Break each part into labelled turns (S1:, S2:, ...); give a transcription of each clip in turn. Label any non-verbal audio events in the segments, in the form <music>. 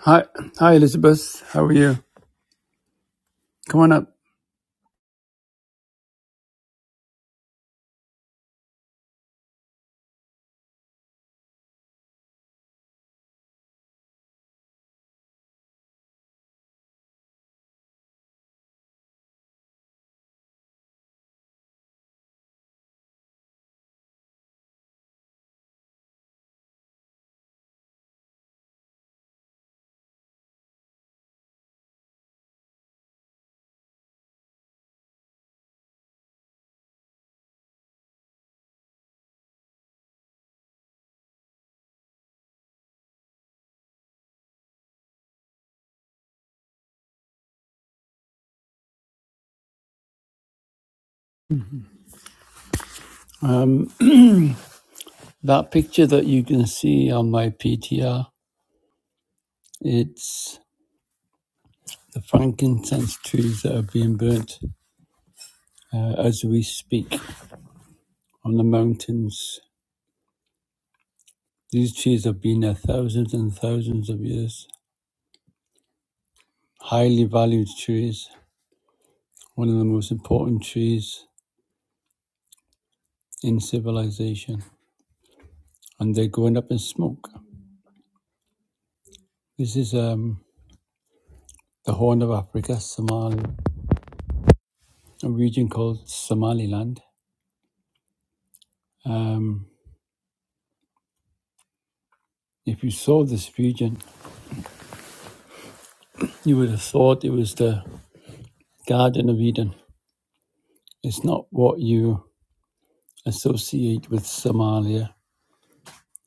S1: Hi, hi Elizabeth. How are you? Come on up. Um, that picture that you can see on my PTR, it's the frankincense trees that are being burnt uh, as we speak on the mountains. These trees have been there thousands and thousands of years. Highly valued trees, one of the most important trees in civilization, and they're going up in smoke. This is um, the Horn of Africa, Somali, a region called Somaliland. Um, if you saw this region, you would have thought it was the Garden of Eden. It's not what you associate with Somalia.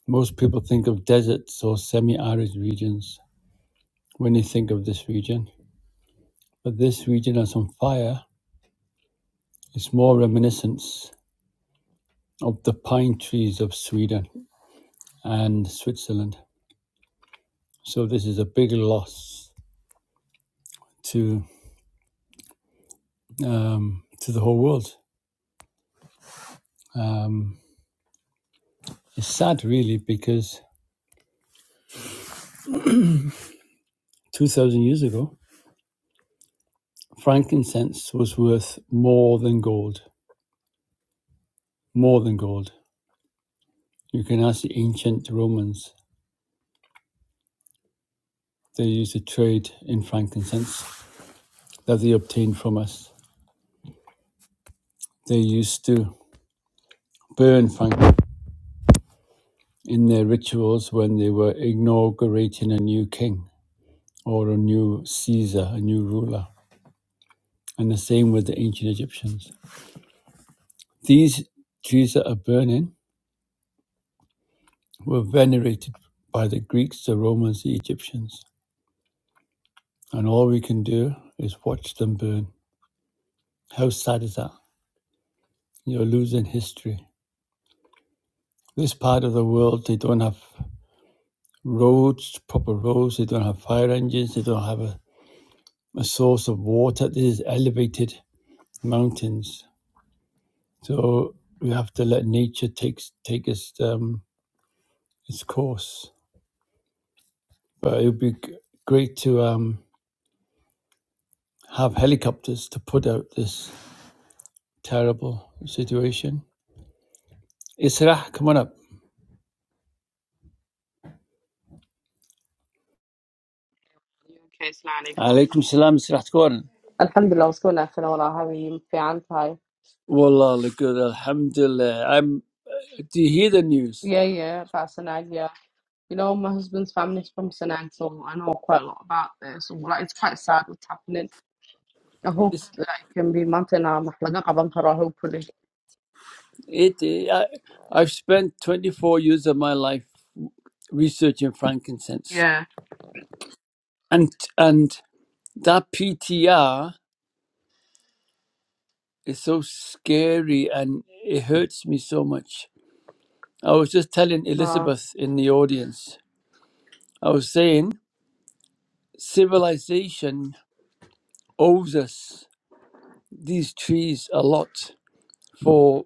S1: Most people think of deserts or semi arid regions when they think of this region, but this region is on fire. It's more reminiscent of the pine trees of Sweden and Switzerland. So this is a big loss to um, to the whole world. Um, it's sad, really, because two thousand years ago, frankincense was worth more than gold. More than gold. You can ask the ancient Romans. They used to trade in frankincense that they obtained from us. They used to burn frankincense in their rituals when they were inaugurating a new king or a new Caesar, a new ruler. And the same with the ancient Egyptians. These trees that are burning were venerated by the Greeks, the Romans, the Egyptians. And all we can do is watch them burn. How sad is that? You're losing history. This part of the world, they don't have roads, proper roads, they don't have fire engines, they don't have a, a source of water. This is elevated mountains. So we have to let nature take, take its, um, its course. But it would be great to um, have helicopters to put out this terrible situation. Israh, come on up.
S2: Okay, Salaam alaikum.
S1: Alaikum salam, Mr. Gordon.
S2: Alhamdulillah, what's going on, Fenora? How are you? Fine, hi.
S1: Wallah, look good, alhamdulillah. I'm, do you hear the news?
S2: Yeah, yeah, about Sanag, yeah. You know, my husband's family is from Sanag, so I know quite a lot about this. So, like, it's quite sad what's happening. I hope
S1: It's,
S2: that it can be Montana, Mahlaga, Abankara, hopefully.
S1: it, I, I've spent 24 years of my life researching frankincense.
S2: Yeah,
S1: And, and that PTR is so scary and it hurts me so much. I was just telling
S2: uh,
S1: Elizabeth in the audience, I was saying civilization owes us. these trees a lot for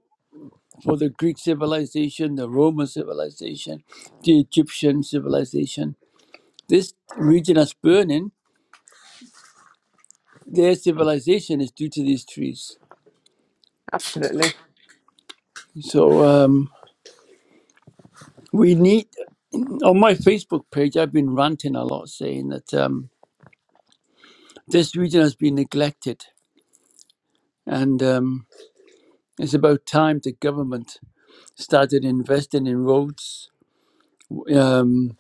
S1: for the Greek civilization, the Roman civilization, the Egyptian civilization. This region that's burning, their civilization is due to these trees.
S2: absolutely.
S1: So um, we need. On my Facebook page, I've been ranting a lot, saying that um, this region has been neglected, and um, it's about time the government started investing in roads, um,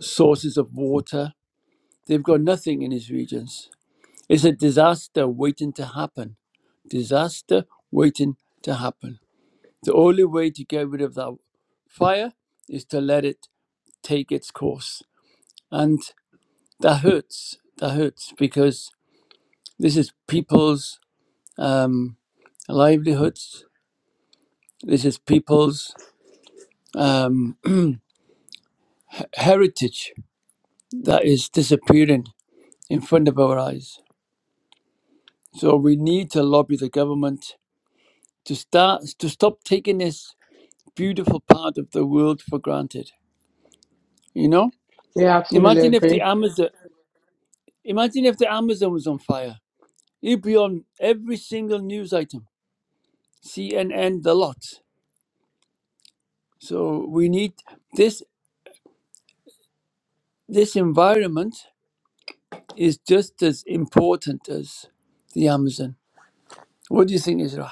S1: sources of water. They've got nothing in these regions It's a disaster waiting to happen. Disaster waiting to happen. The only way to get rid of that fire is to let it take its course. And that hurts. That hurts because this is people's um, livelihoods. This is people's um, <clears throat> heritage that is disappearing in front of our eyes. So we need to lobby the government to start to stop taking this beautiful part of the world for granted You know,
S2: Yeah, absolutely
S1: imagine if the
S2: agree.
S1: Amazon, imagine if the Amazon was on fire. It'd be on every single news item, CNN, the lot. So we need this. This environment is just as important as the Amazon. What do you think, Israel?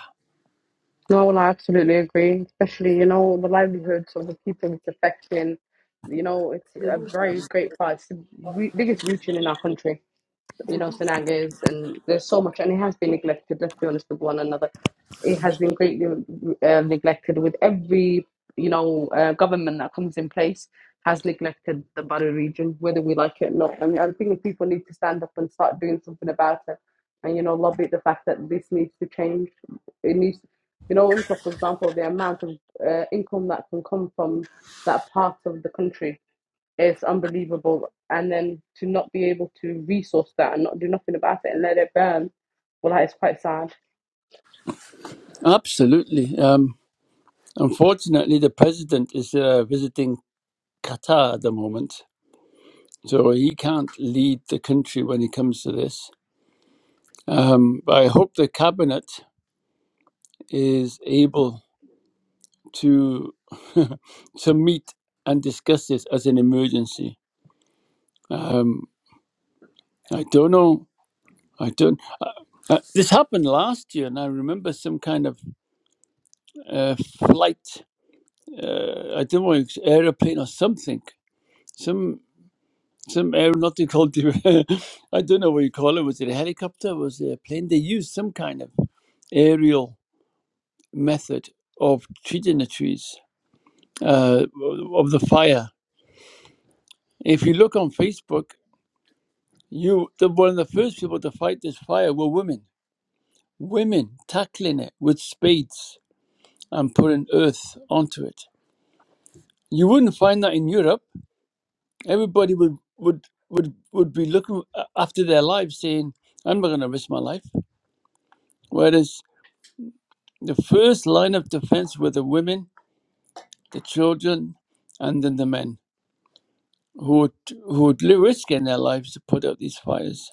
S2: No, well, I absolutely agree, especially, you know, the livelihoods of the people it's affecting. You know, it's a very great part. It's the re- biggest region in our country. you know, Sanagas, and there's so much, and it has been neglected. Let's be honest with one another. It has been greatly uh, neglected with every, you know, uh, government that comes in place has neglected the Bari region, whether we like it or not. I mean, I think people need to stand up and start doing something about it, and you know, lobby the fact that this needs to change. It needs, you know, income, for example, the amount of uh, income that can come from that part of the country it's unbelievable. And then to not be able to resource that and not do nothing about it and let it burn, well, that is quite sad.
S1: Absolutely. Um, unfortunately, the president is uh, visiting Qatar at the moment, so he can't lead the country when it comes to this. Um, but I hope the cabinet is able to <laughs> to meet and discuss this as an emergency. Um, I don't know. I don't. Uh, uh, this happened last year, and I remember some kind of uh, flight. Uh, I don't know, it's aeroplane or something. Some some aeronautical. de- <laughs> I don't know what you call it. Was it a helicopter? Was it a plane? They used some kind of aerial method of treating the trees uh, of the fire. If you look on Facebook, You, the one of the first people to fight this fire were women. Women tackling it with spades and putting earth onto it. You wouldn't find that in Europe. Everybody would would would would be looking after their lives, saying, "I'm not going to risk my life." Whereas the first line of defense were the women, the children, and then the men who would, who would risk in their lives to put out these fires.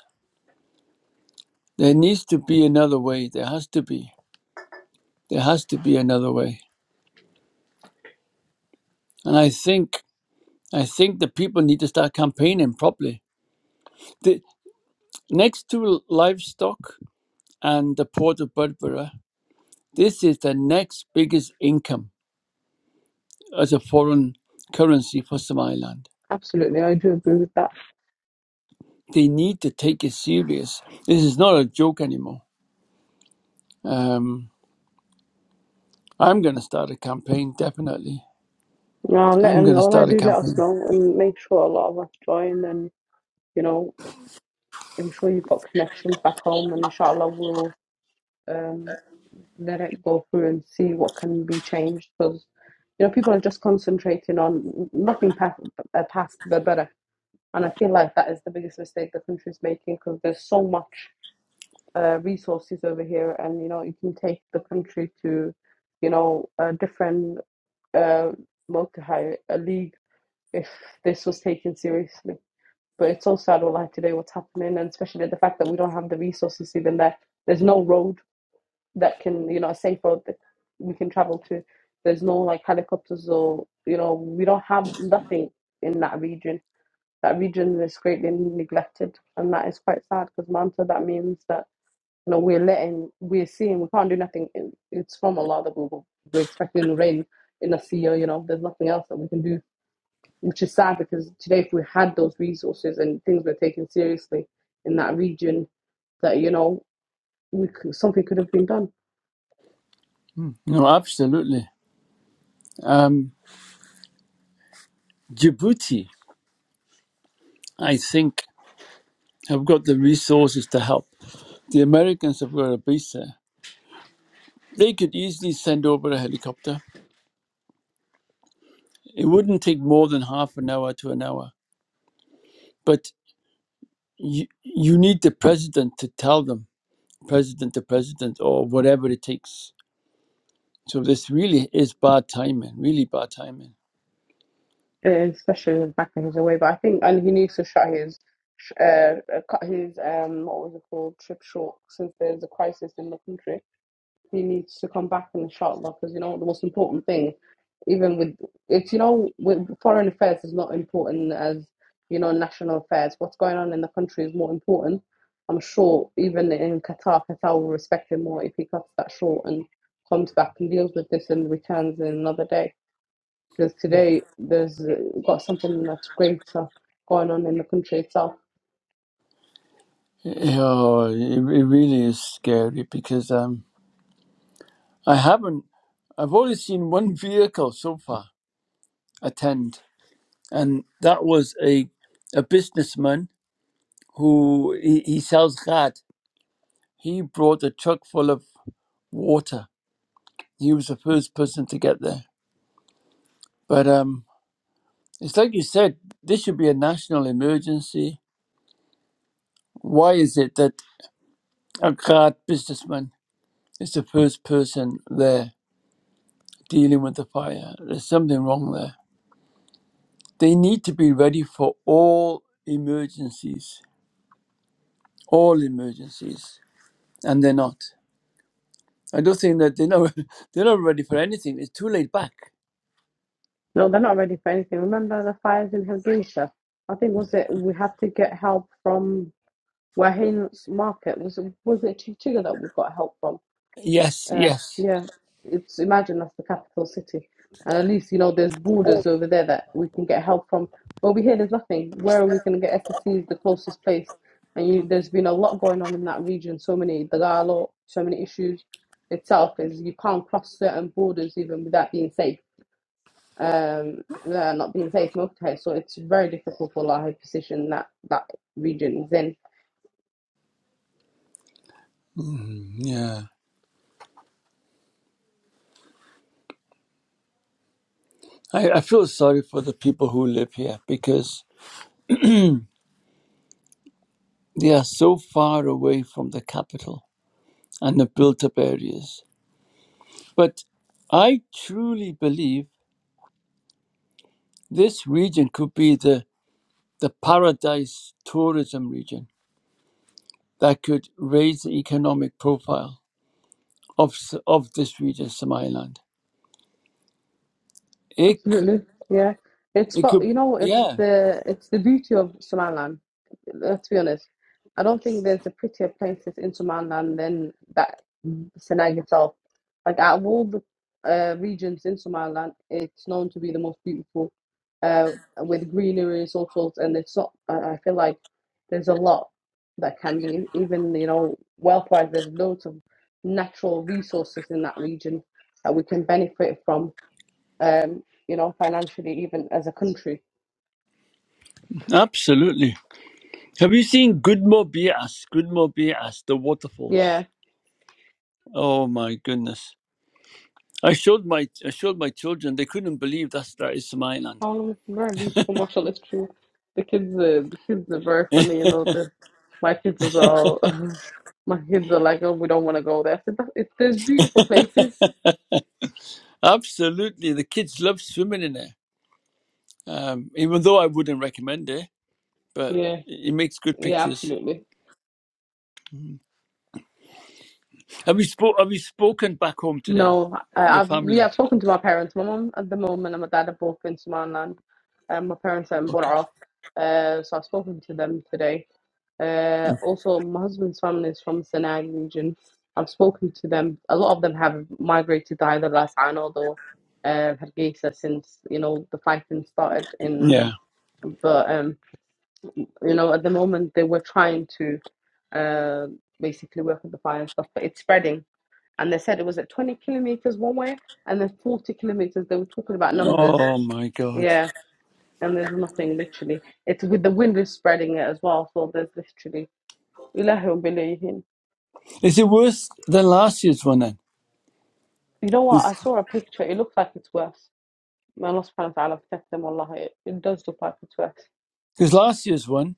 S1: There needs to be another way. There has to be. There has to be another way. And I think I think the people need to start campaigning properly. The, next to livestock and the port of Berbera, this is the next biggest income as a foreign currency for Somaliland.
S2: Absolutely, I do agree with that.
S1: They need to take it serious. This is not a joke anymore. Um, I'm going to start a campaign, definitely.
S2: Now, let
S1: I'm
S2: and
S1: going to
S2: all I
S1: start a
S2: do, let us
S1: campaign.
S2: know and make sure a lot of us join. And you know, I'm sure you've got connections back home, and inshallah, we'll um, let it go through and see what can be changed because you know people are just concentrating on nothing past, uh, past the better. And I feel like that is the biggest mistake the country is making because there's so much uh, resources over here, and you know you can take the country to, you know, a different uh, multi a league if this was taken seriously. But it's so sad, all like today, what's happening, and especially the fact that we don't have the resources even there. There's no road that can, you know, a safe road that we can travel to. There's no like helicopters or you know, we don't have nothing in that region. That region is greatly neglected, and that is quite sad because Manta. That means that know, we're letting, we're seeing, we can't do nothing. It's from Allah that we, we're expecting the rain in a year, you know, there's nothing else that we can do, which is sad because today, if we had those resources and things were taken seriously in that region, that, you know, we could, something could have been done,
S1: No, absolutely. Um, Djibouti, I think, have got the resources to help. The Americans have got a base there They could easily send over a helicopter. It wouldn't take more than half an hour to an hour. But you, you need the president to tell them, president to president, or whatever it takes. So this really is bad timing, really bad timing.
S2: uh, especially back in his away. But I think, and he needs to shut his, uh, uh, cut his, um, what was it called, trip short since there's a crisis in the country he needs to come back in the shot lot because you know the most important thing, even with it's you know with foreign affairs is not important as you know national affairs. What's going on in the country is more important. I'm sure even in Qatar, Qatar will respect him more if he cuts that short and comes back and deals with this and returns in another day. Because today there's uh, got something that's greater going on in the country itself.
S1: Oh, it, it really is scary because um, I haven't, I've only seen one <laughs> vehicle so far attend, and that was a a businessman who he, he sells gas. He brought a truck full of water He was the first person to get there. But um, it's like you said, this should be a national emergency. Why is it that a card businessman is the first person there dealing with the fire? There's something wrong there. They need to be ready for all emergencies, all emergencies, and they're not. I don't think that they're not, <laughs> they're not ready for anything. It's too laid back.
S2: No, they're not ready for anything. Remember the fires in Hargeisa? I think was it we had to get help from Wahin's market. Was it was it Chichiga that we got help from?
S1: Yes,
S2: Uh,
S1: yes.
S2: yeah. It's imagine that's the capital city. And at least, you know, there's borders over there that we can get help from. Over here there's nothing. Where are we gonna get SSC is the closest place. And you, there's been a lot going on in that region, so many Dagalo, so many issues itself is you can't cross certain borders even without being safe um, uh, not being safe multiple so it's very difficult for our high position that that region is in.
S1: Yeah. I, I feel sorry for the people who live here because They are so far away from the capital and the built up areas. But I truly believe this region could be the, the paradise tourism region that could raise the economic profile of, S- of this region, Somaliland. It, c-
S2: Absolutely. Yeah. It's
S1: it
S2: got,
S1: could,
S2: you know, it's
S1: yeah,
S2: the it's the beauty of Somaliland. Let's be honest. I don't think there's a prettier places in Somaliland than that Senag itself. Like out of all the uh, regions in Somaliland, it's known to be the most beautiful, uh, with greenery and so And it's not. I I feel like there's a lot that can be, even you know, wealth-wise. There's loads of natural resources in that region that we can benefit from um, you know, financially, even as a country.
S1: absolutely. Have you seen Gudmo Bias? Gudmo Bias, the
S2: Yeah.
S1: waterfalls. Oh my goodness. I showed my I showed my children. They couldn't believe that's that is Somaliland.
S2: How long very beautiful martial history. The kids are the kids are very funny, you know, the my kids as well. <laughs> my kids are like, Oh, we don't wanna go there. I said, "But it, there's beautiful places.
S1: Absolutely, the kids love swimming in it. Um, even though I wouldn't recommend it, but
S2: Yeah,
S1: it makes good
S2: yeah,
S1: pictures.
S2: absolutely.
S1: Have you spoke? Have you spoken back home today?
S2: No, I,
S1: Your
S2: I've we
S1: family?
S2: have spoken to my parents. My mum at the moment and my dad are both in Somaliland. And my parents are in
S1: Okay.
S2: Bora. Uh, so I've spoken to them today Uh, also, my husband's family is from Sanaa region. I've spoken to them. A lot of them have migrated to either Ras An or uh, Hargeisa since you know the fighting started. In
S1: Yeah.
S2: but um, you know at the moment they were trying to uh, basically work with the fire and stuff, but it's spreading. And they said it was at 20 kilometers one way, and then 40 kilometers. They were talking about numbers.
S1: Oh my God!
S2: Yeah, and there's nothing literally. It's with the wind is spreading it as well, so there's literally.
S1: Is it worse than last year's one then?
S2: You know what? I saw a picture. It looks like it's worse. May Allah subhanahu wa ta'ala protect them, Allah. It, it does look like it's worse.
S1: Because last year's one,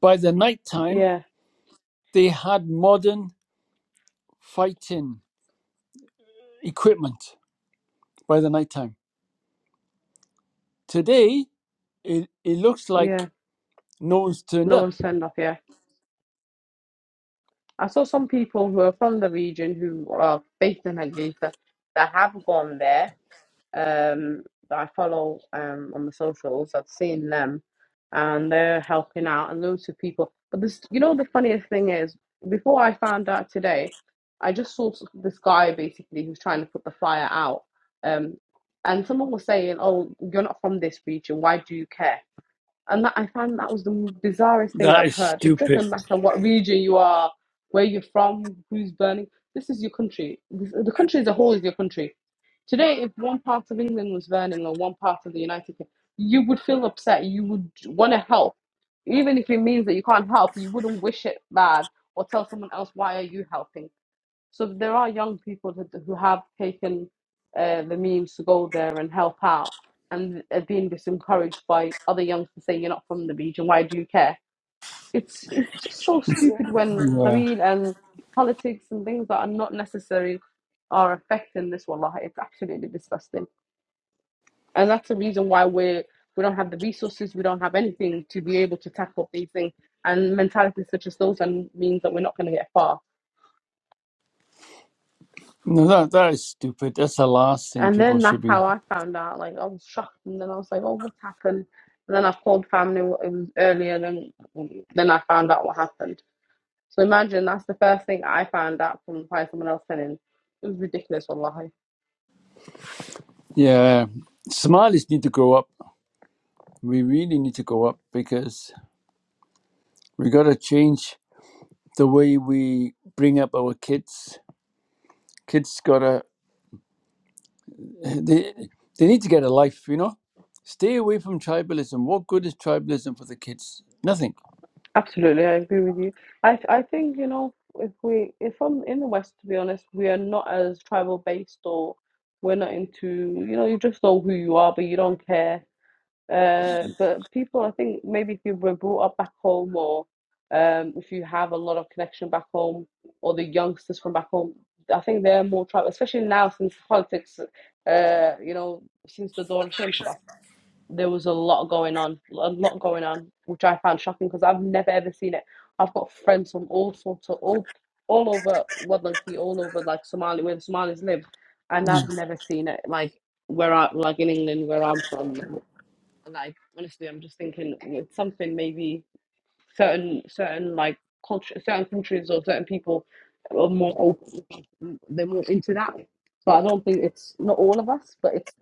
S1: by the night time,
S2: Yeah,
S1: they had modern fighting equipment. By the night time, today it it looks like
S2: yeah.
S1: no one's turned
S2: No
S1: up.
S2: one's turned off, yeah. I saw some people who are from the region who are based in Hargeisa that have gone there um, that I follow um, on the socials. I've seen them, and they're helping out and loads of people. But this, you know, the funniest thing is, before I found out today, I just saw s- this guy basically who's trying to put the flyer out, um, and someone was saying, "Oh, you're not from this region. Why do you care?" And that, I found that was the bizarrest thing
S1: That
S2: I've
S1: is
S2: heard. It
S1: stupid.
S2: doesn't matter what region you are, where you're from, who's burning. This is your country. This, the country as a whole is your country. Today, if one part of England was burning or one part of the United Kingdom, you would feel upset. You would want to help. Even if it means that you can't help, you wouldn't wish it bad or tell someone else, why are you helping? So there are young people who, who have taken uh, the means to go there and help out and are being disencouraged by other youngs to say, you're not from the region, why do you care? It's, it's just so stupid when
S1: Yeah.
S2: Qabil and politics and things that are not necessary are affecting this, wallah. It's absolutely disgusting. And that's the reason why we're, we don't have the resources, we don't have anything to be able to tackle these things. And mentalities such as those and means that we're not going to get far.
S1: No, no, that that is stupid. That's the last thing
S2: And
S1: people
S2: then
S1: should
S2: that's
S1: be.
S2: how I found out. Like I was shocked, and then I was like, "Oh, what happened?" And then I called family. It was earlier than then I found out what happened. So imagine that's the first thing I found out from by someone else telling. It was ridiculous, wallahi.
S1: Yeah, Somalis need to grow up. We really need to grow up because we gotta change the way we bring up our kids. Kids gotta they they need to get a life. You know, stay away from tribalism. What good is tribalism for the kids? Nothing.
S2: Absolutely, I agree with you. I I think you know if we if I'm in the West, to be honest, we are not as tribal based or we're not into you know you just know who you are, but you don't care Uh, but people, I think maybe if you were brought up back home or um, if you have a lot of connection back home or the youngsters from back home, I think they're more travel, especially now since politics, uh, you know, since the Dorsh and stuff, there was a lot going on, a lot going on, which I found shocking because I've never ever seen it. I've got friends from all sorts of, all, all over Wadlanki, all over like Somalia, where the Somalis live, and
S1: No,
S2: I've never seen it like where I, like in England, where I'm from like honestly i'm just thinking it's something maybe certain certain like culture certain countries or certain people are more open they're more into that so i don't think it's not all of us but it's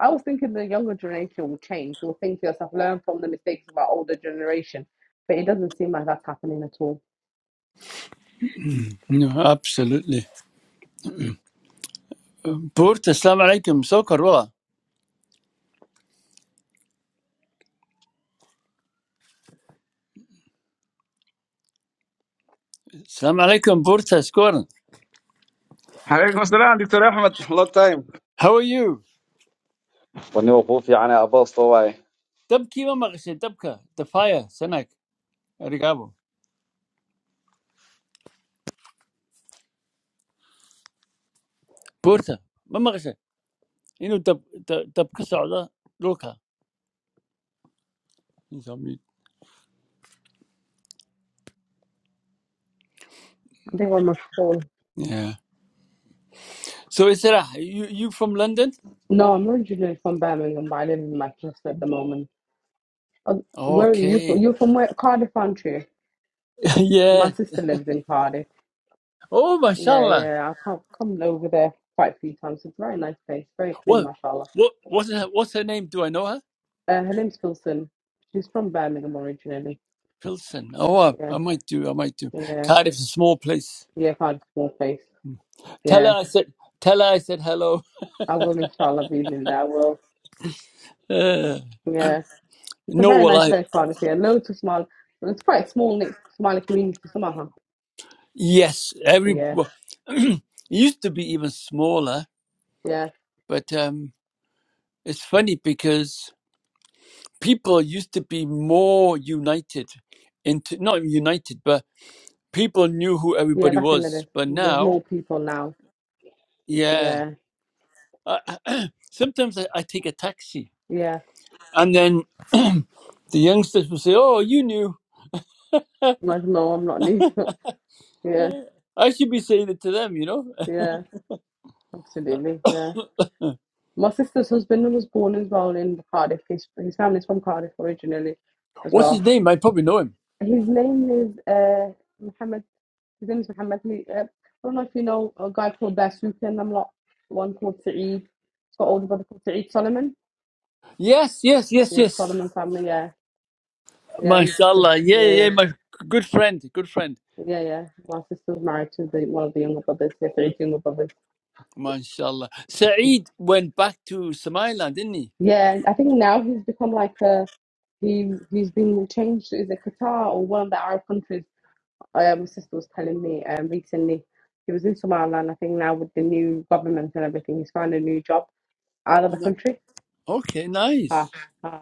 S2: i was thinking the younger generation will change you'll think to yourself learn from the mistakes of our older generation but it doesn't seem like that's happening at all
S1: no absolutely. Burta, salam alaikum. Sokar wala. Salam alaikum, Burta. Skoran.
S3: Hello, Mister Doctor Ahmed. Long time.
S1: How are you?
S3: I'm new. I'm new.
S1: Tabki wa magashe tabka. The fire, Sanak. Arigabo. buurta ma maqashay inuu dab dab dab ka socdo dhulka Inside me.
S2: i think i'm a phone
S1: yeah so isra you you from london
S2: no i'm originally from birmingham but i live in manchester at the moment Uh, where are you
S1: okay
S2: from you're from where cardiff aren't you
S1: <laughs> yeah
S2: my sister lives in cardiff
S1: oh
S2: Yeah,
S1: mashallah
S2: yeah. I can't come over there quite a few times. It's a very nice place, very clean,
S1: what
S2: mashallah.
S1: what what's her, what's her name do i know her
S2: Uh, her name's Filson. She's from Birmingham originally.
S1: pilson oh i,
S2: Yeah,
S1: I might do i might do
S2: yeah,
S1: cardiff's a small place
S2: yeah. Quite a small place.
S1: tell her
S2: Yeah,
S1: i said tell her i said hello <laughs>
S2: I will, inshallah, be in there. I will.
S1: Uh,
S2: Yeah, it's a
S1: no
S2: very
S1: well
S2: nice
S1: i
S2: place, Cardiff. Yeah, loads of small. It's quite a small, knit- Somali community somehow.
S1: yes every
S2: Yeah,
S1: <clears throat> it used to be even smaller
S2: yeah,
S1: but um it's funny because people used to be more united into not united but people knew who
S2: yeah.
S1: everybody
S2: Back in the day,
S1: was but
S2: there's
S1: now
S2: more people now.
S1: yeah
S2: Yeah,
S1: I, I- sometimes I, I take a taxi
S2: yeah.
S1: and then <clears throat> the youngsters will say oh you knew
S2: Like, no, I'm not new. <laughs> yeah,
S1: i should be saying it to them you know <laughs>
S2: yeah. Absolutely. yeah. My sister's husband was born as well in Cardiff. His, his family's from Cardiff originally as
S1: what's his
S2: well.
S1: name i probably know him
S2: His name is uh, Muhammad. His name is Muhammad. He, uh, I don't know if you know a guy called Dasouk and I'm not one called Saeed. He's got older brother called Saeed Solomon.
S1: yes yes yes
S2: Yeah, the
S1: yes
S2: Solomon family. Yeah, yeah, my sister.
S1: mashallah yeah
S2: Yeah,
S1: yeah
S2: yeah.
S1: yeah, my good friend good friend
S2: Yeah, yeah. My sister's married to the, one of the younger brothers, yeah, three younger brothers.
S1: mashallah saeed went back to somaliland didn't he
S2: Yeah, I think now he's become like a he he's been changed to is it Qatar or one of the Arab countries uh, my sister was telling me um, recently he was in Somaliland. I think now with the new government and everything, he's found a new job out of the
S1: No.
S2: country.
S1: okay
S2: Ha,
S1: nice
S2: ha.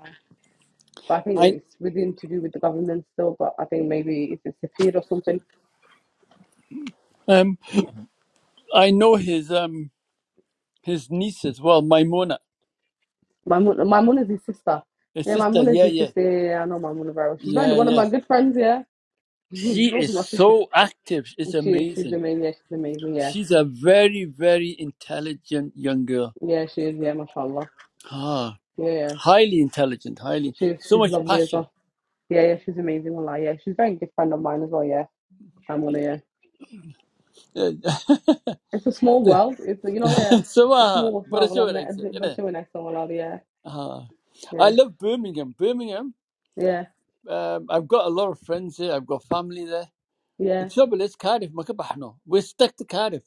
S2: But I think
S1: i
S2: it's within to do with the government still. But I think maybe it's a fear or something.
S1: um I know his um his niece as well, Maimona,
S2: My mum, my mum is his sister.
S1: his
S2: Yeah, my
S1: sister.
S2: mum is
S1: Yeah,
S2: his
S1: yeah,
S2: sister. Yeah, yeah, yeah, I know my mum very well. She's very
S1: yeah,
S2: one of
S1: yeah.
S2: my good friends. Yeah, <laughs>
S1: She
S2: she's also
S1: is
S2: my sister.
S1: so active. It's
S2: And She she's
S1: amazing.
S2: amazing. Yeah, she's amazing. Yeah,
S1: She's a very, very intelligent young girl.
S2: yeah, she is. Yeah, mashallah.
S1: Ah,
S2: Yeah, yeah,
S1: highly intelligent, highly
S2: she's
S1: so
S2: she's
S1: much
S2: lovely as
S1: passion.
S2: well. Yeah, yeah, she's amazing. Wallah, yeah, she's a very good friend of mine as well. Yeah, I'm yeah.
S1: Yeah. <laughs>
S2: It's a small world. It's you know, yeah.
S1: so,
S2: It's
S1: uh,
S2: small.
S1: but
S2: Oh,
S1: it's
S2: well,
S1: all right.
S2: I'm,
S1: isn't
S2: but
S1: it?
S2: she went next to yeah,
S1: Ah, I
S2: yeah,
S1: love Birmingham. Birmingham.
S2: yeah,
S1: Um, I've got a lot of friends here. I've got family there. The
S2: yeah.
S1: trouble is Cardiff. ما كبحنا. We're stuck to Cardiff.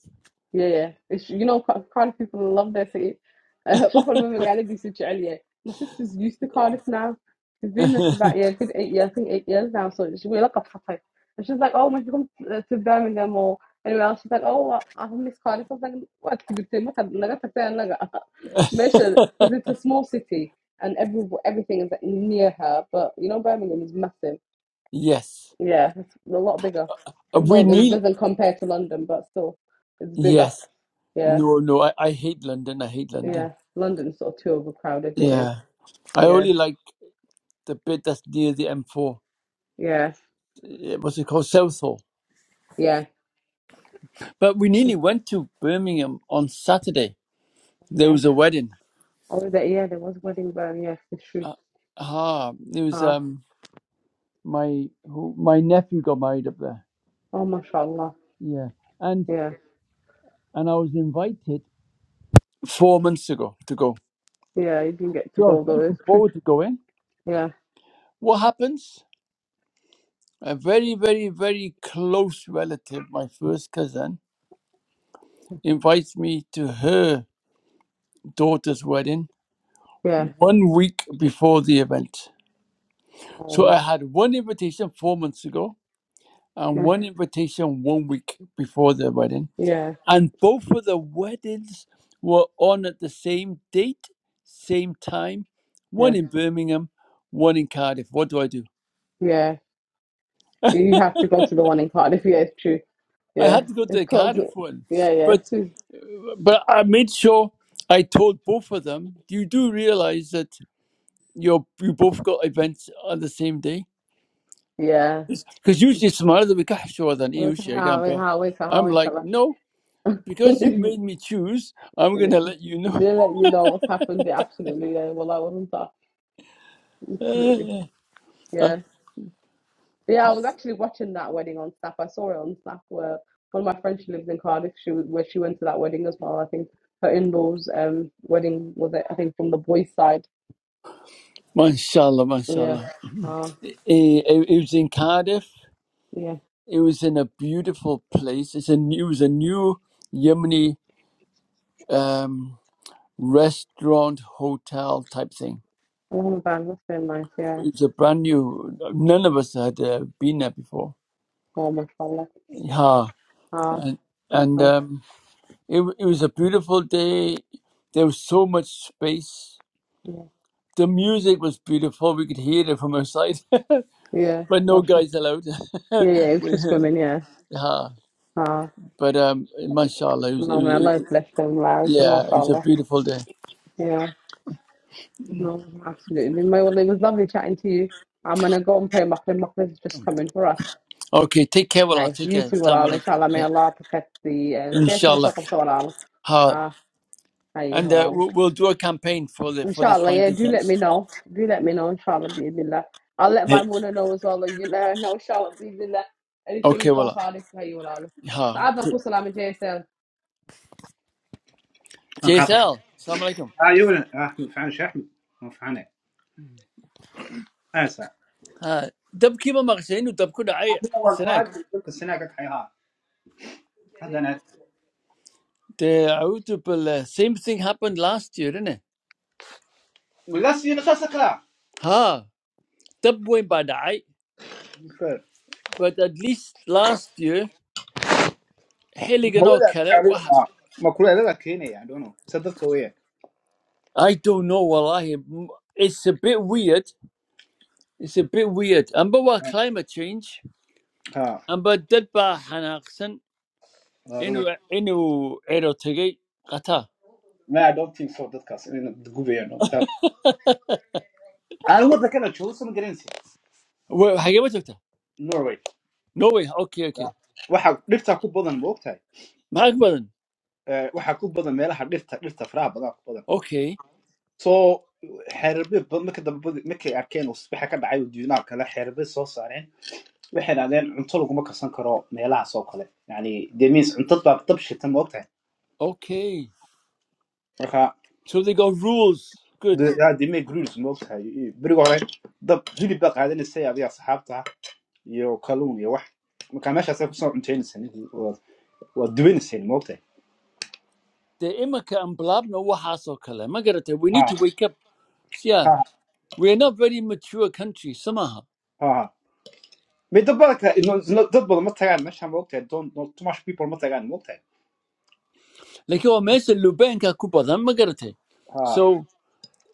S2: Yeah, yeah. It's you know Car- Cardiff people love their city I hope uh, <laughs> طفل ماما قاعدة دي such عليا my sisters used to Cardiff now she's been there for about yeah good eight years I think eight years now so she we look up for her and she's like oh when she comes uh, to Birmingham or anywhere else she's like oh I I miss Cardiff I was like what you say ما قد لقيت حتى لقى measure
S1: <laughs>
S2: because <laughs> it's a small city and every everything is like, near her but you know Birmingham is massive
S1: Yes.
S2: yeah it's a lot bigger
S1: Uh,
S2: even though
S1: We
S2: it
S1: need.
S2: doesn't compare to London but still it's bigger
S1: Yes.
S2: Yeah.
S1: No, no. I, I hate London. I hate London.
S2: Yeah, London's sort of too overcrowded. It is.
S1: Yeah. I
S2: Yeah,
S1: only like the bit that's near the M4.
S2: yeah,
S1: Uh, What's it called? Southall.
S2: yeah,
S1: But we nearly went to Birmingham on Saturday. There
S2: yeah.
S1: was a wedding.
S2: Oh, that, yeah, there was a wedding burn. Yes, it's true.
S1: Uh, ah, it was
S2: Ah,
S1: um my who, my nephew got married up there.
S2: oh, mashallah.
S1: Yeah, and
S2: Yeah,
S1: and I was invited four months ago to go.
S2: yeah. You didn't get to
S1: So I
S2: go
S1: was
S2: though.
S1: looking
S2: It's true.
S1: forward to going.
S2: Yeah,
S1: What happens? a very, very, very close relative, my first cousin, invites me to her daughter's wedding
S2: yeah.
S1: one week before the event. So I
S2: Oh,
S1: had one invitation four months ago and
S2: yeah,
S1: one invitation one week before the wedding.
S2: yeah,
S1: And both of the weddings were on at the same date, same time, one
S2: yeah,
S1: in Birmingham, one in Cardiff. What do I do?
S2: yeah. You have to go to the one in Cardiff. <laughs> Yeah, it's true.
S1: I
S2: Yeah,
S1: had to go to
S2: it's
S1: the
S2: close.
S1: Cardiff one,
S2: Yeah, yeah, it's
S1: but
S2: true.
S1: But I made sure I told both of them, you do realize that you're, you both got events on the same day?
S2: Yeah.
S1: Because usually it's my other week, I sure than you,
S2: Look at
S1: share again,
S2: how
S1: but
S2: how we can how
S1: I'm
S2: we can
S1: like, no, because you've
S2: lash.
S1: made me choose, I'm going to
S2: <laughs>
S1: let you know.
S2: They let you know what's happened. Yeah, absolutely. Yeah. Well, I wasn't that. Absolutely.
S1: <laughs> Uh,
S2: Yeah. Yeah, I was actually watching that wedding on Snap. I saw it on Snap where one of my friends, she lives in Cardiff, she was, where she went to that wedding as well. I think her in-laws' um wedding was it, I think from the boys' side.
S1: mashallah,
S2: Yeah.
S1: mashallah.
S2: Uh,
S1: Eh, It, it was in Cardiff.
S2: yeah.
S1: It was in a beautiful place. It's a, new- it was a new Yemeni um, restaurant, hotel type thing
S2: Oh man, that's been nice, yeah.
S1: It's a brand new. None of us had uh, been there before.
S2: Oh mashallah.
S1: Yeah,
S2: Ah,
S1: and
S2: that's
S1: and
S2: nice.
S1: um, it w- it was a beautiful day. There was so much space.
S2: Yeah.
S1: The music was beautiful. We could hear it from outside, <laughs>
S2: Yeah,
S1: but no
S2: mashallah.
S1: guys allowed. <laughs>
S2: Yeah, yeah, it was
S1: we,
S2: just women, yeah.
S1: yeah,
S2: Ah,
S1: but um, mashallah, it was, it
S2: no man,
S1: was it,
S2: Allah
S1: was-
S2: bless them, lads,
S1: yeah, it was a
S2: mashallah.
S1: beautiful day.
S2: Yeah. No, absolutely. My well, it was lovely chatting to you. I'm gonna go and pray. Maghrib, Maghrib's just coming for us.
S1: Okay, take care, well,
S2: Hi,
S1: take care.
S2: YouTube
S1: Assalamu
S2: Allah,
S1: alaikum.
S2: Insha'Allah, may
S1: Yeah,
S2: Allah protect you. And Jaseel, I
S1: Inshallah.
S2: saw you as well.
S1: Ha.
S2: Ah, hi,
S1: And uh,
S2: Allah.
S1: we'll, we'll do a campaign for the for this
S2: Insha'Allah, yeah. Do let
S1: frankincense.
S2: me know. Do let me know, Insha'Allah, by Allah. I'll let my
S1: Hey.
S2: Mona know as well, you let her know, Insha'Allah, by Allah. Anything
S1: Okay,
S2: from
S1: well.
S2: far, I'll say hi, Allah.
S1: Ha,
S2: So Allah, peace and Jaseel.
S4: انقطع
S1: JSL. Salam alikum.
S4: اه يونس احمد فعن شو احمد ما فعنا انسى
S1: Ha, dab kiba magzainu dab kuda ay
S4: انا اول ما
S1: senak.
S4: ادري كل السنه قلت حيها هذا انا
S1: The audible same thing happened last year, didn't it?
S4: ولا سينا خاصك لا
S1: Ha, dab went bad ay, but at least last year
S4: هو
S1: helligano
S4: لا
S1: kare. What?
S4: مكروه لا كيني يعني دونو صدق خويه
S1: I don't know, Wallahi. It's a bit weird. It's a bit weird. Amba wa climate change.
S4: ها
S1: Amba dab ba hanaxen. Enu
S4: رونالد
S1: enu erotegi qata.
S4: ما I don't think so dadkaas inayna gubi yeelno aan waddankana joogo ma garanaysa
S1: What happened to it?
S4: norway
S1: No way. Okay, okay.
S4: waxa dhirta ku badan ma ogtahay
S1: Magbadan.
S4: Eh, waxa ku badan meelaha dhirta dhirta faraha badan ku badan
S1: Okay.
S4: so xeerbe marka dambe markay arkeen uu subaxa ka dhacay oo duunaal kale xeerbe soo saareen waxay idhahdeen cunto laguma karsan karo meelahaas oo kale yani that means cunto baa dab shitan ma ogtahay
S1: Okay.
S4: marka
S1: So they got rules. Good.
S4: de- yaa dimay grulis ma ogtahay iyo berigi hore dab hilib baa qaadanaysay adiga asxaabta iyo kalluun iyo wax marka meeshaasay kusoo cuntaynayseen waa waa duwanayseen ma ogtahay
S1: The imaka and blab no wahasokala. kala. Magarata, we
S4: ha
S1: need to wake up. So Yeah.
S4: ha
S1: We are not very mature country, somehow.
S4: ha may dad badan kale no- no- dad badan ma tagaan meesha ma ogtahay don no, too much people ma tagaan ma ogtahay
S1: Like your mess Lubenka Kupadan Magarate.
S4: ha
S1: So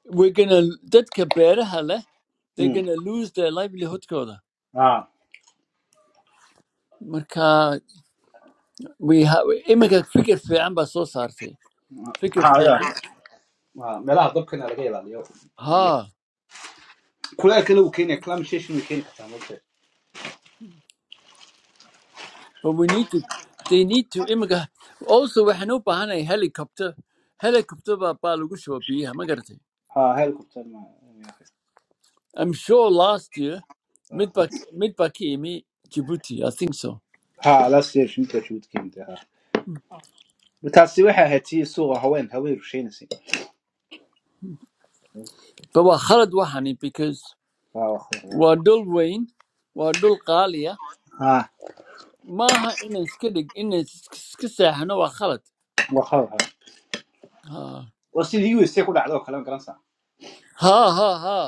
S1: we're gonna that kabera hale, they're
S4: mm.
S1: gonna lose their livelihood koda.
S4: ha
S1: Marka we have imaka figure fi amba so sarte. Figure
S4: ha
S1: fi
S4: ya
S1: an.
S4: Ha, meelaha dabkana laga ilaaliyo iyo kulaylkana uu keenaya climatization uu keeni kartaa ma ogtahay
S1: But we need to, they need to imika. Also, waxaan u baahanahay helicopter. Helicopter baa baa lagu shuba biyaha, ma garatay?
S4: ها helicopter ma
S1: I'm sure last year, mid
S4: ها
S1: baa mid baa ka imi Djibouti, I think so.
S4: ها لا سير شو كده شو تكيم ده ها بتحسي وحها هتي سوى هوين هوين رشين سي
S1: But waa khalad waxani because
S4: ها وخر
S1: waa dhul weyn, waa dhul qaali ah.
S4: ها
S1: Maaha inaan iska dhig, inaan iska seexano waa khalad.
S4: وخر
S1: Ha
S4: وسيد يو سي كل عدو كلام كلام صح
S1: ha ha ha.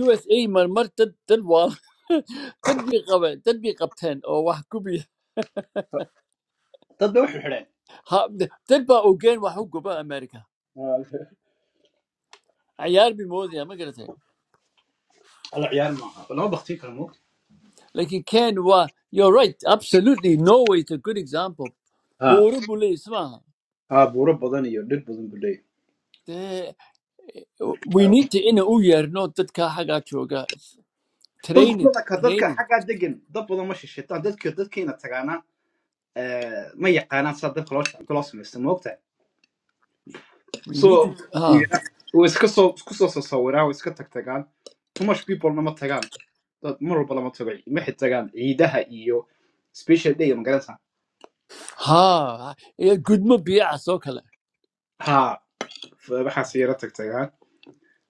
S1: USA marmar dad dad waa <laughs> dad bay qabeen, dad bay qabteen oo wax gubi <laughs>
S4: تبدا وحو حرين
S1: ha- d- dad baa ogeyn wax u guba America. Ciyaar bay moodaya, ma garatay?
S4: العيال معها ولا بختي كلامك
S1: Laakiin Ken waa, you're right, absolutely. Norway is a good example.
S4: ها
S1: Buuro buu leeyahay, isma aha.
S4: ها بورب بدن يو دد بدن بلي
S1: Dee, we need to ina u yeerno dadka xaggaa jooga.
S4: dadku
S1: Training,
S4: dadka dadka
S1: training.
S4: xaggaa degan dad badan ma shishitaan dadka dadkiina tagaana ma yaqaanaan sida dadka loo shaqo loo samaysta
S1: We need to,
S4: So
S1: ha,
S4: yeah, way iska soo isku soo sasawiraa way iska tag tagaan too much people lama tagaan dad mar walba lama tago maxay tagaan ciidaha iyo special day magaranaysaa
S1: ha, iyo gudmo biyacas oo kale.
S4: ha f- waxaas yara tag tagaan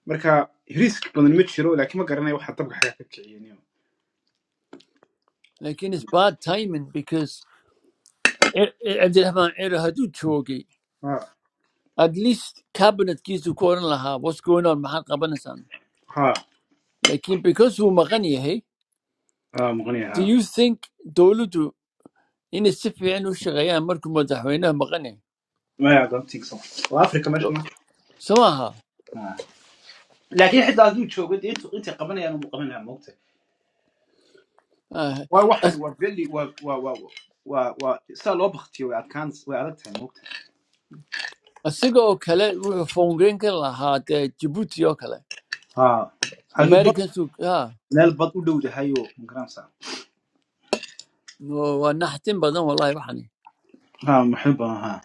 S4: marka risk badan ma jiro laakiin ma garanaya waxa dabka xagaa ka kiciyaniyo
S1: Laakiin it's bad timing because Cir- Cir- Cabdiraxmaan Ciro hadduu joogay,
S4: ha
S1: at least cabinetkiisuu ku oran lahaa, what's going on, maxaad qabanaysaan?
S4: ha
S1: laakiin because uu maqan yahay
S4: ha maqanaya
S1: do
S4: ha
S1: you think dowladdu inay si fiican u shaqeeyaan markuu madaxweynaha maqan yahay
S4: Ma I don't think so waa africa meesha ma
S1: so maaha
S4: Ha. laakiin xitaa hadduu joogo dee intuu intay qabanayaan ugu qabanaya moogta
S1: Ah,
S4: waa waxaan
S1: as-
S4: waa veli waa waa waa waa waa sidaa loo baktiyo way adkaan way adag tahay moogta
S1: asiga oo kale wuxuu foongeyn ka lahaa dee jabuuti oo kale
S4: ها هاكي بط
S1: americans waa
S4: لا البط ودودي هايو مقرانسا
S1: naxtin badan wallahi waxani
S4: ها محبة ها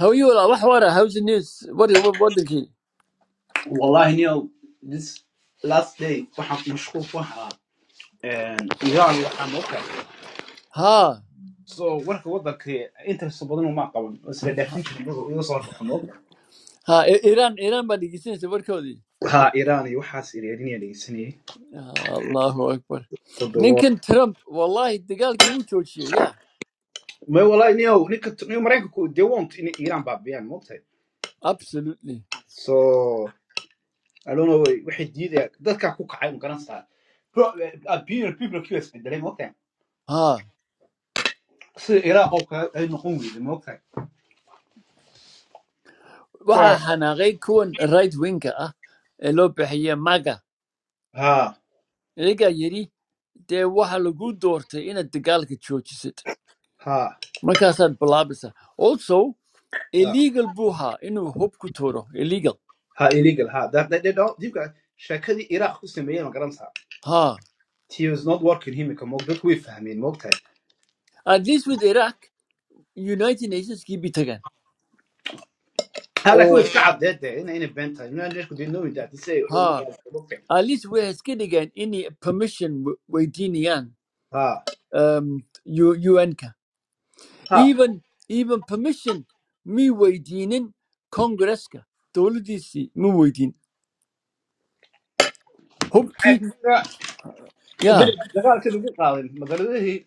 S1: hawayi What wax wara hawsa news wari- wa- wadankii
S4: والله نيو this last day waxaan mashquul ku ahaa een, iran waxaan oo kale
S1: ha
S4: so warka wadanka interest badan uma qaban oo isla dhaafinta iyaga iga soo warfaxan oo kale
S1: ha I- iran iran baa dhegeysanaysa warkoodii
S4: waxaa iran iyo waxaas iraniya dhegeysanayay
S1: Ah, allahu akbar
S4: toddobaad
S1: ninkan trump wallahi dagaalkii wuu joojiyay Yeah,
S4: may wallahi niyow ninka niyo maraykanku they want in iran baabiyaan moogtahay
S1: absolutely
S4: so i don't know waxay diidaya dadkaa ku kacay ma garanaysaa Pro- uh, people people kuwa isbedelay
S1: ها
S4: So Iraq okay? Are you not hungry? Demokrat. So,
S1: waxaana qayb kuwan right winka ah ee loo bixiya maga
S4: ha,
S1: iyagaa yidhi dee waxa lagu doortay inaad dagaalka joojisid
S4: ha,
S1: markaasaad bilaabaysaa also
S4: ha,
S1: illegal buu ahaa inuu hub ku tuuro illegal
S4: ha illegal. Ha. That, that, that. Look, she said Iraq is the main government.
S1: ha
S4: He was not working here. We can work with him ka moog dadku way fahmeen ma ogtahay.
S1: at least with iraq united Nations nationskii bay tagaan
S4: Ha laakiin way
S1: oo
S4: iska caddeed ee in demokrat. I like with that. That day, I invented. I didn't know that he said
S1: ha
S4: Iraq is demokrat.
S1: at least waxay iska dhigaan inay permission w- weydiinayaan
S4: Ha,
S1: um, U- un-ka
S4: ha.
S1: Even even permission میویدینن کنگرس کا دولتی سی میویدین hop ki
S4: But
S1: ya
S4: the government of Iraq, the government is,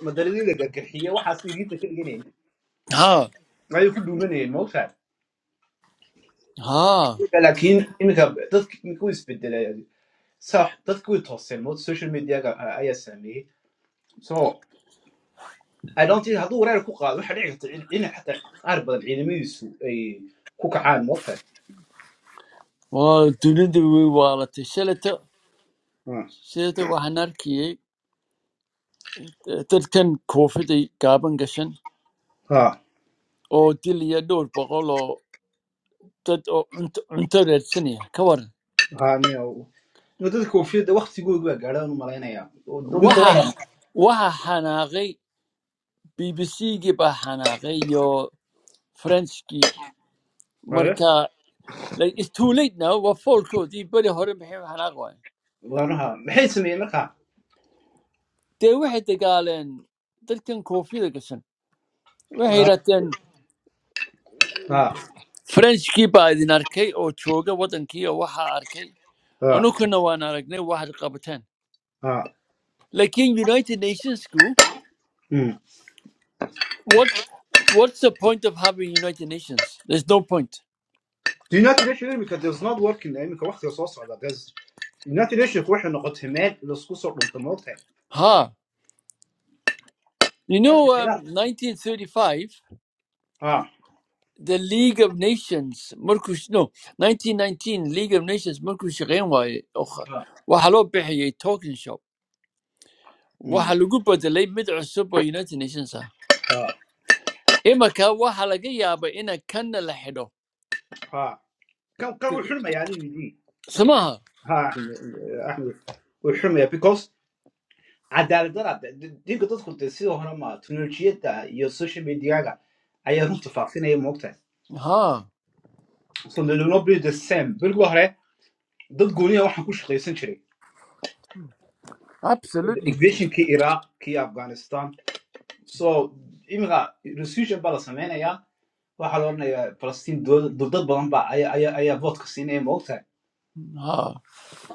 S4: the government is a dictatorship. One series of generals.
S1: ha
S4: I don't know who is the next demokrat.
S1: ha
S4: But he, he can, he can do it with the leader. صح dadku way tooseen mood social media-ga a- ayaa saameeyey so i don't think hadduu wareer ku qaado waxa dhici karta in in xataa qaar badan ciidamadiisu ay ku kacaan moogtahay
S1: wa dunida wi walata shalata shalata waxaan arkiyay eh, dadkan koofida gaaban gashan
S4: ha
S1: oo dilaya dhowr boqol oo dad oo cunto cunto raadsanaya ka waran
S4: ha miya dadka oofiyada waktigooda waa gaadhaan u malaynayaa Oo d- midda
S1: waxa
S4: wadan
S1: waxa xanaaqay bbc gii baa xanaaqay iyo frenchkii
S4: Waaya.
S1: marka like it's too late now waa foolkoodii beri hore maxay u xanaaq waayeen
S4: waanaha maxay sameeyeen marka
S1: dee waxay dagaaleen dadkan koofida gashan waxay
S4: ha
S1: yidhaahdeen
S4: ha
S1: frenchkii baa idin arkay oo jooga wadankii oo waxaa arkay
S4: ha
S1: anukana waan aragnay waxaad qabateen
S4: ha.
S1: lakin united nationsku
S4: Mm.
S1: what what's the point of having united nations there's no point
S4: united nation imika there's not working imika waktiga soo socda there's united nation waxay noqotay meel laisku soo dhunta moogtahay
S1: ha you know um, 1935
S4: ha
S1: the League of Nations markuu no 1919 League of Nations markuu shaqayn waayey oo kh-
S4: ha
S1: waxaa loo bixiyey token shop waxa lagu bedelay mid cusub oo United Nations ah
S4: Ha.
S1: imika waxa laga yaabaa ina kanna la xidho
S4: ها كان كان
S1: Good.
S4: وحرمه يعني يجي
S1: samaha
S4: ها احنا احنا وحرمه because عدالة درا دينك تدخل تسير هنا ما تكنولوجيا تا يا السوشيال ميديا جا أيه هم تفاصيل أيه موقتها
S1: ha
S4: so they will not be the same بالقوة هره ضد قونية واحد كوش خيسن شري
S1: absolutely
S4: invasion كي العراق كي أفغانستان so إمغا resolution بلا سمعنا يا واحد لورنا يا فلسطين دول ضد بلان با أيه أيه أيه vote كسينة مقطع
S1: ha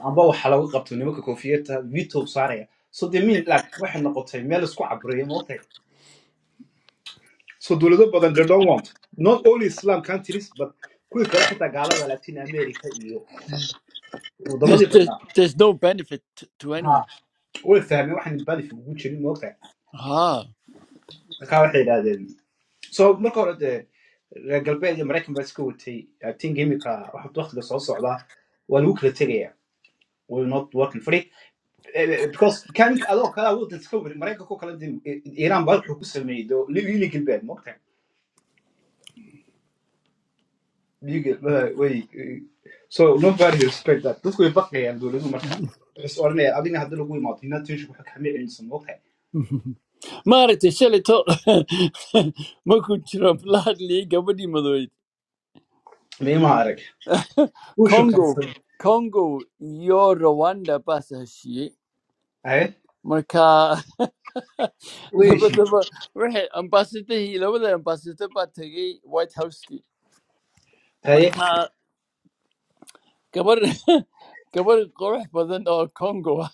S4: amba waxaa lagu qabto nimanka koofiyadda vito saaraya so they mean like waxay noqotay meel isku cabureeya maogtay so dowlado badan they don't want not only islam countries but kuwii kale xitaa gaalada latin america iyo
S1: there's,
S4: wadamadii
S1: there's,
S4: badnaa
S1: there's no benefit t- to anyone
S4: ha way fahmeen waxaan badif ugu jirin maogtay
S1: ha
S4: markaa waxay yidhaahdeen so marka hore dee reer galbeed iyo maraykan baa iska watay i think imika waxa waqtiga soo socda waa lagu kala tegaya we're not working Eh, because kan adoo kalaa waddan ka warin maraykanka oo kala din I- I- iiraan baa wuxuu ku sameeyey doo legal bad moogtahay legal eh, way eh, so nobody respect that dadku way baqayaan dowladuhu marka waxay is odhanayaan adigna haddii lagu imaado inaad tiishu waxa kama celinsa moogtahay
S1: maaragtay shalay to <laughs> markuu jiro Blood League gabadhii
S4: meemaha arag wuu
S1: Congo,
S4: shukaansan
S1: Congo, yo Rwanda pasa shi.
S4: haye
S1: Marka <laughs>
S4: way
S1: laba
S4: heshiid
S1: laba rehe <laughs> ambassador hi laba laba ambassador pa tagi White House ki.
S4: haye
S1: Marka kabar <laughs> kabar correspondent or Congo.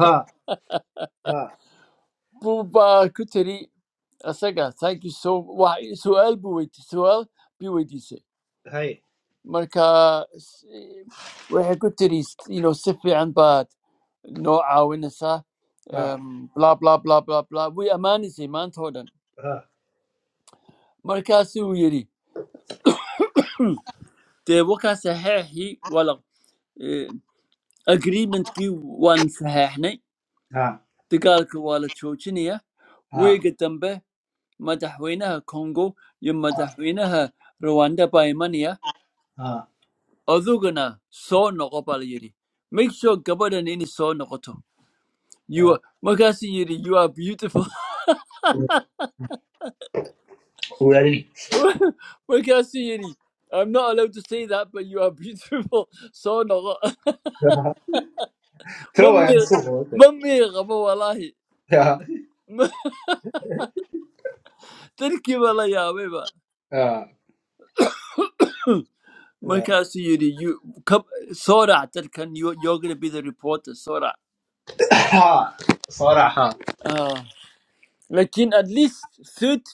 S4: ha ha
S1: Buba kuteri asaga thank you so wa sual bu wait sual bi wait se.
S4: haye
S1: Marka rehe kuteri you know sifi an bad no awinasa
S4: ha
S1: um blah blah blah blah blah we amani se man thodan.
S4: ha
S1: markaasuu yidhi dee wakan saxeexii waa la eh, agreementkii waan saxeexnay
S4: ha
S1: dagaalka waa la joojinayaa
S4: ha
S1: weega dambe madaxweynaha congo iyo madaxweynaha rwanda baa imanaya
S4: ha
S1: adugana soo noqo baa la make sure gabadhan inay soo noqoto You
S4: ha.
S1: are- markaasuu yidhi you are beautiful
S4: Waalid.
S1: <laughs> markaasuu yidhi I'm not allowed to say that but you are beautiful <laughs> soo noqo
S4: tiro
S1: ma
S4: waa
S1: miir
S4: isu qodatay
S1: ma miir <laughs>
S4: <laughs> ha
S1: <laughs> dadkii baa la yaabayba
S4: ha ha.
S1: markaasuu yidhi "You- ka- soorac can you- you're gonna be the reporter soorac
S4: ha soo ha
S1: Ah, laakiin at least thirty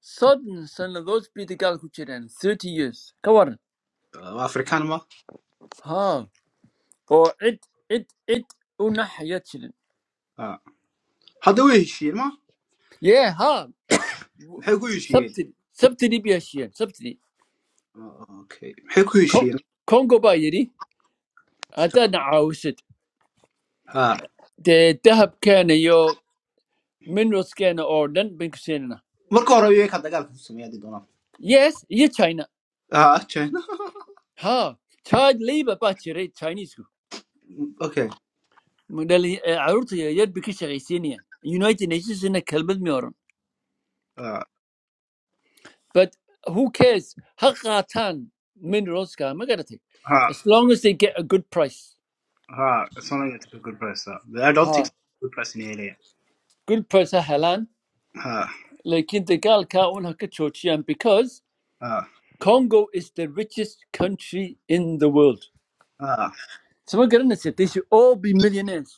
S1: soddon sannadood bay dagaal ku jireen thirty years ka waran
S4: afrikaan ma
S1: ha oo cid cid cid una xaya jirin
S4: Ah. hadda way heshiiyeen ma
S1: yee ha
S4: maxay ku heshiiyeen
S1: sabtidi sabtidi bay heshiyeen sabtidi
S4: Ah, okay maxay ku
S1: Ko-
S4: heshiiyeen
S1: congo baa yidhi haddaadna caawisid
S4: Ah.
S1: dee dahabkeena iyo mineralskeena oo dhan bayn ku siinana
S4: marka hore ueka dagaalka ku sameeya hadii doonaan
S1: yes iyo china
S4: Ah, china <laughs>
S1: ها child labor baa jiray Chinesku.
S4: okay
S1: Ma dhali- eh, caruurta yaryar bay ka shaqaysiinayaan United Nationsna kelmad ma oran
S4: Ah,
S1: but who cares ha qaataan mineralska ma garatay
S4: ha
S1: as long as they get a good price
S4: ha somaliga took a good price ah. But i don't think
S1: ha
S4: good press in area
S1: good price ha helaan
S4: ha
S1: laakiin dagaalka un ha ka joojiyaan because
S4: ha
S1: Congo is the richest country in the world
S4: ha
S1: so ma garanaysa they should all be millionaires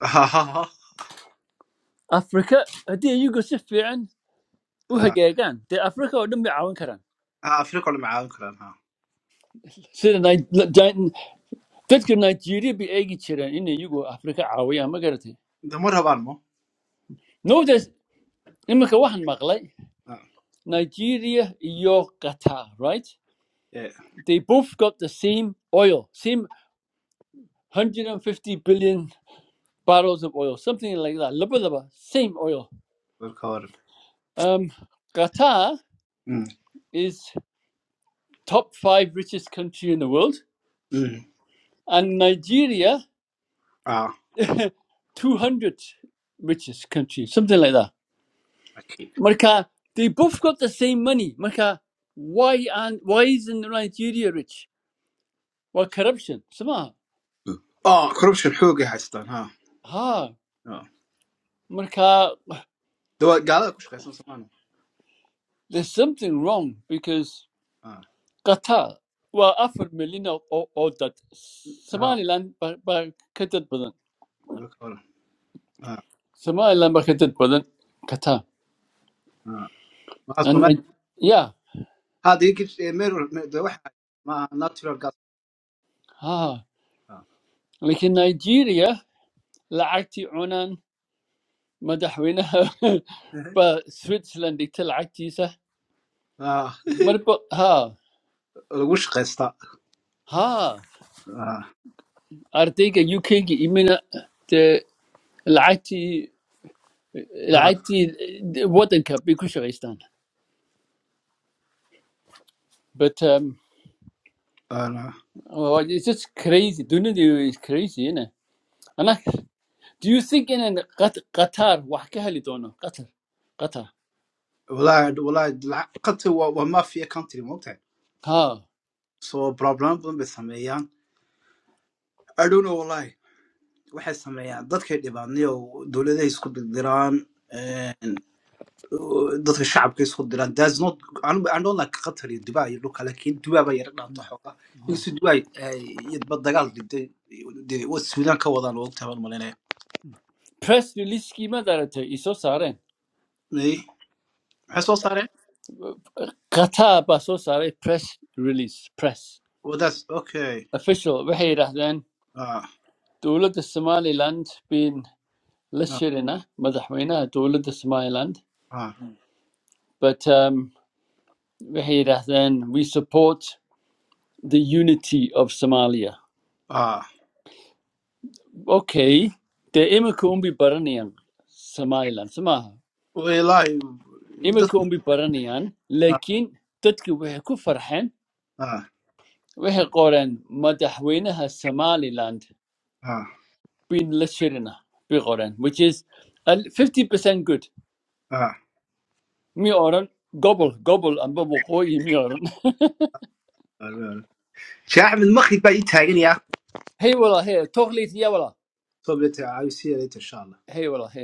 S4: ha ha ha
S1: Africa haddii iyagu si fiican u
S4: Ah,
S1: hagaagaan Africa oo dhan bay caawin
S4: ah, afrika ole macaawan karaan ha
S1: sida Ni- Ni- dadka nigeria bay eegi jireen in iyagu afrika caawiyaan ma garatay
S4: de ma rabaan mo
S1: notice iminka waxaan maqlay
S4: Ah,
S1: nigeria iyo qatar right
S4: eh,
S1: they both got the same oil same 150 billion barrels of oil something like that labadaba same oil
S4: marka hore
S1: um, qatar
S4: Mm,
S1: is top five richest country in the world
S4: mm.
S1: and nigeria
S4: Ah,
S1: 200 richest country something like that
S4: okay
S1: Marka, they both got the same money. Marka, why and why isn't Nigeria rich? Well, corruption. Sama.
S4: Ah, corruption xoogay haystaan ha
S1: Ha.
S4: Ah.
S1: Marka,
S4: de waa gaalada ku shaqaysan
S1: there's something wrong because
S4: ah.
S1: Qatar well offered million of of of that Somaliland but but Qatar Badan.
S4: Welcome. Ah,
S1: Somaliland but Qatar Badan. Qatar.
S4: ah. Waxa
S1: And Ni-
S4: Soomaali-
S1: yeah.
S4: Hadda ii gib- ee, mirror- The dee my natural gas.
S1: Ha.
S4: Ah.
S1: Like in Nigeria, لعقتي عنان مدحونها <laughs>
S4: Ehe.
S1: but Switzerland they tell عكتي
S4: Ah,
S1: ها
S4: lagu shaqaysta.
S1: Ha,
S4: Ah,
S1: I think the UK is even the latest,
S4: ah,
S1: latest modern country in Afghanistan. But um
S4: ah.
S1: oh, it's just crazy. Do you know it's crazy, eh? Do you think that Qatar is one of them? Qatar, Qatar.
S4: Walaahi- walaahi, lacag- qadka waa- waa mafia country, ma ogtahay?
S1: Ha.
S4: So, problema badan bay I don't know, walaahi. Waxay sameeyaan. Dadkay dhibaan, niyow, dowladahay isku dirdiraan. dadka shacabka isku diraan thats not I'm, I don't like qatar iyo dubai iyo dhulka lakin dubai baa yara dhaanta xooga inkastoo dubai yadba dagaal dhintay dee wa suudan ka wadaan wogta baan malinaya
S1: Press release. What is it? So far,
S4: maxay soo saareen
S1: Qatar. So far, press release. Press
S4: well that's okay
S1: official. Well, then,
S4: ah
S1: the whole of the Somali land has been lost,
S4: ah
S1: eh? Madamina, the whole of the Somali land.
S4: ah
S1: But um, Wahida then, we support the unity of Somalia.
S4: ah
S1: Okay, the Imakumbi Baranian, Somaliland, Samaha.
S4: wallahi dad
S1: Imakumbi Baranian,
S4: ah
S1: Lakin, Tatki Weheku Farhan,
S4: ah
S1: Wehekoran, Madahwenaha Somaliland,
S4: ah
S1: Bin Lashirina, Bigoran, which is a 50% good.
S4: ah
S1: Mi oran, gobble, gobble, and bubble, koi, mi oran. <laughs>
S4: شيخ احمد مخي باي تاجر يا
S1: Hey, wala, hey, totally, yeah, wala.
S4: صوبت عايز يا ريت
S1: Hey, wala, <laughs>